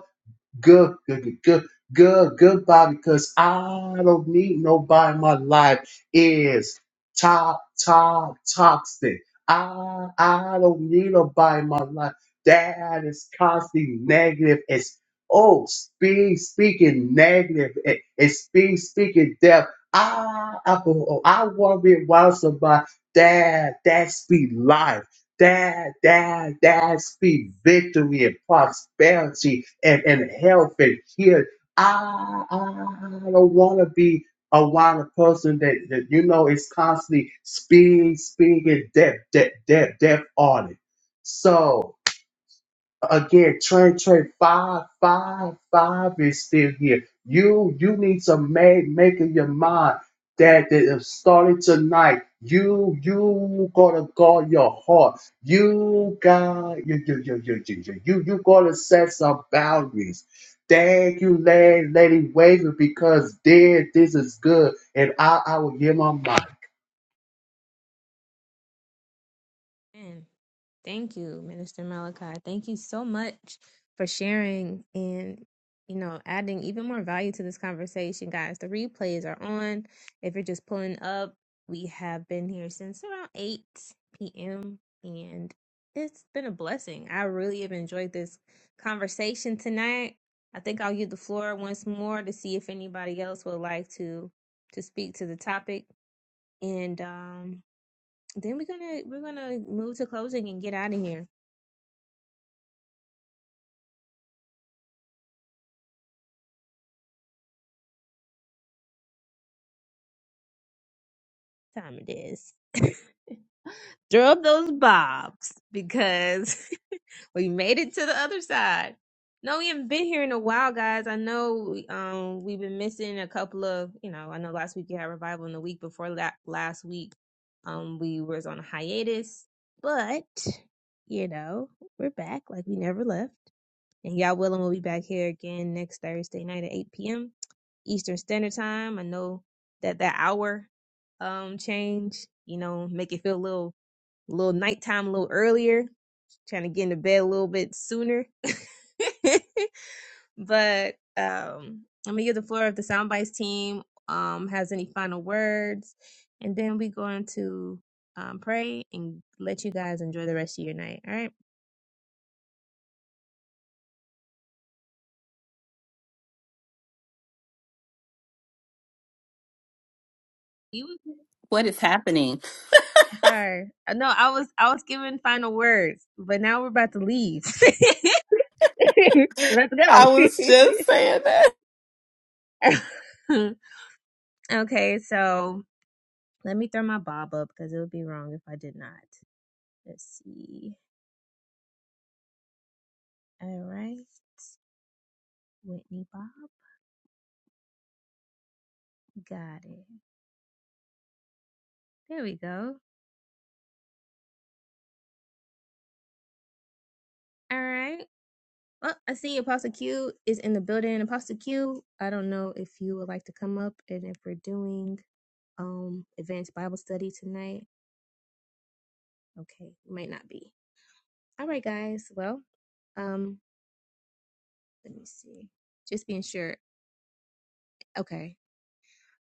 Speaker 8: good, good, good, good, good, goodbye because I don't need nobody. My life is top, top, toxic. I, I don't need nobody in my life. That is constantly negative. It's oh, speak, speaking negative. It, it's speak, speaking death. I, I, oh, oh, I worry about somebody that that speak life. Dad, dad, dad, speak victory and prosperity and, and health and heal. I, I don't want to be around a person that, that you know is constantly speaking, speaking, death, death, death, death on it. So, again, train, train, five five five is still here. You you need to make make up your mind that that it is starting tonight. You you gotta guard your heart. You got you you you you you you you, you gotta set some boundaries. Thank you, Lady Lady Waver, because dear, this is good, and I I will give my mic.
Speaker 1: again. Thank you, Minister Malachi. Thank you so much for sharing and, you know, adding even more value to this conversation, guys. The replays are on. If you're just pulling up, we have been here since around 8 p.m. and it's been a blessing. I really have enjoyed this conversation tonight. I think I'll give the floor once more to see if anybody else would like to to speak to the topic. And um, then we're gonna we're gonna move to closing and get out of here. time it is. Throw up those bobs because we made it to the other side. No, we haven't been here in a while, guys. I know um, we've been missing a couple of, you know, I know last week you had revival, and the week before that, last week, um, we was on a hiatus, but you know, we're back like we never left. And y'all willing, we'll be back here again next Thursday night at 8 p.m. Eastern Standard Time. I know that that hour um change, you know, make it feel a little, a little nighttime, a little earlier, trying to get into bed a little bit sooner. but um I'm gonna give the floor if the soundbites team um has any final words, and then we going to um pray and let you guys enjoy the rest of your night. All right. You
Speaker 7: What is happening?
Speaker 1: I'm sorry. Uh, No, I was I was giving final words, but now we're about to leave. Let's
Speaker 7: I
Speaker 1: go.
Speaker 7: was just saying
Speaker 1: okay, so let me throw my bob up because it would be wrong if I did not. Let's see. All right. Whitney Bob. Got it. There we go. All right. Well, I see Apostle Q is in the building. Apostle Q, I don't know if you would like to come up and if we're doing um advanced Bible study tonight. Okay, might not be. All right, guys. Well, um, let me see. Just being sure. Okay.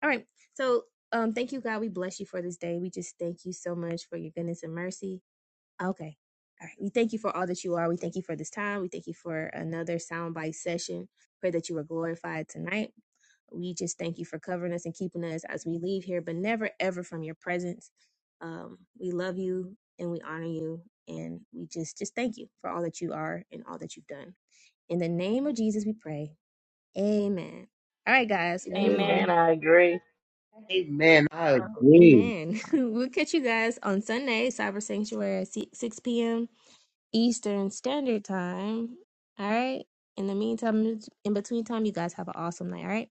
Speaker 1: All right. So, um, thank you, God. We bless you for this day. We just thank you so much for your goodness and mercy. Okay. All right. We thank you for all that you are. We thank you for this time. We thank you for another soundbite session. Pray that you were glorified tonight. We just thank you for covering us and keeping us as we leave here, but never ever from your presence. Um, we love you and we honor you, and we just just thank you for all that you are and all that you've done. In the name of Jesus, we pray. Amen. All right, guys. We will,
Speaker 3: amen
Speaker 4: Amen. I agree.
Speaker 8: Amen. I
Speaker 1: oh,
Speaker 8: agree.
Speaker 1: amen. we'll catch you guys on Sunday, Cyber Sanctuary, at si- 6 p.m. Eastern Standard Time. All right. In the meantime, in between time, you guys have an awesome night. All right.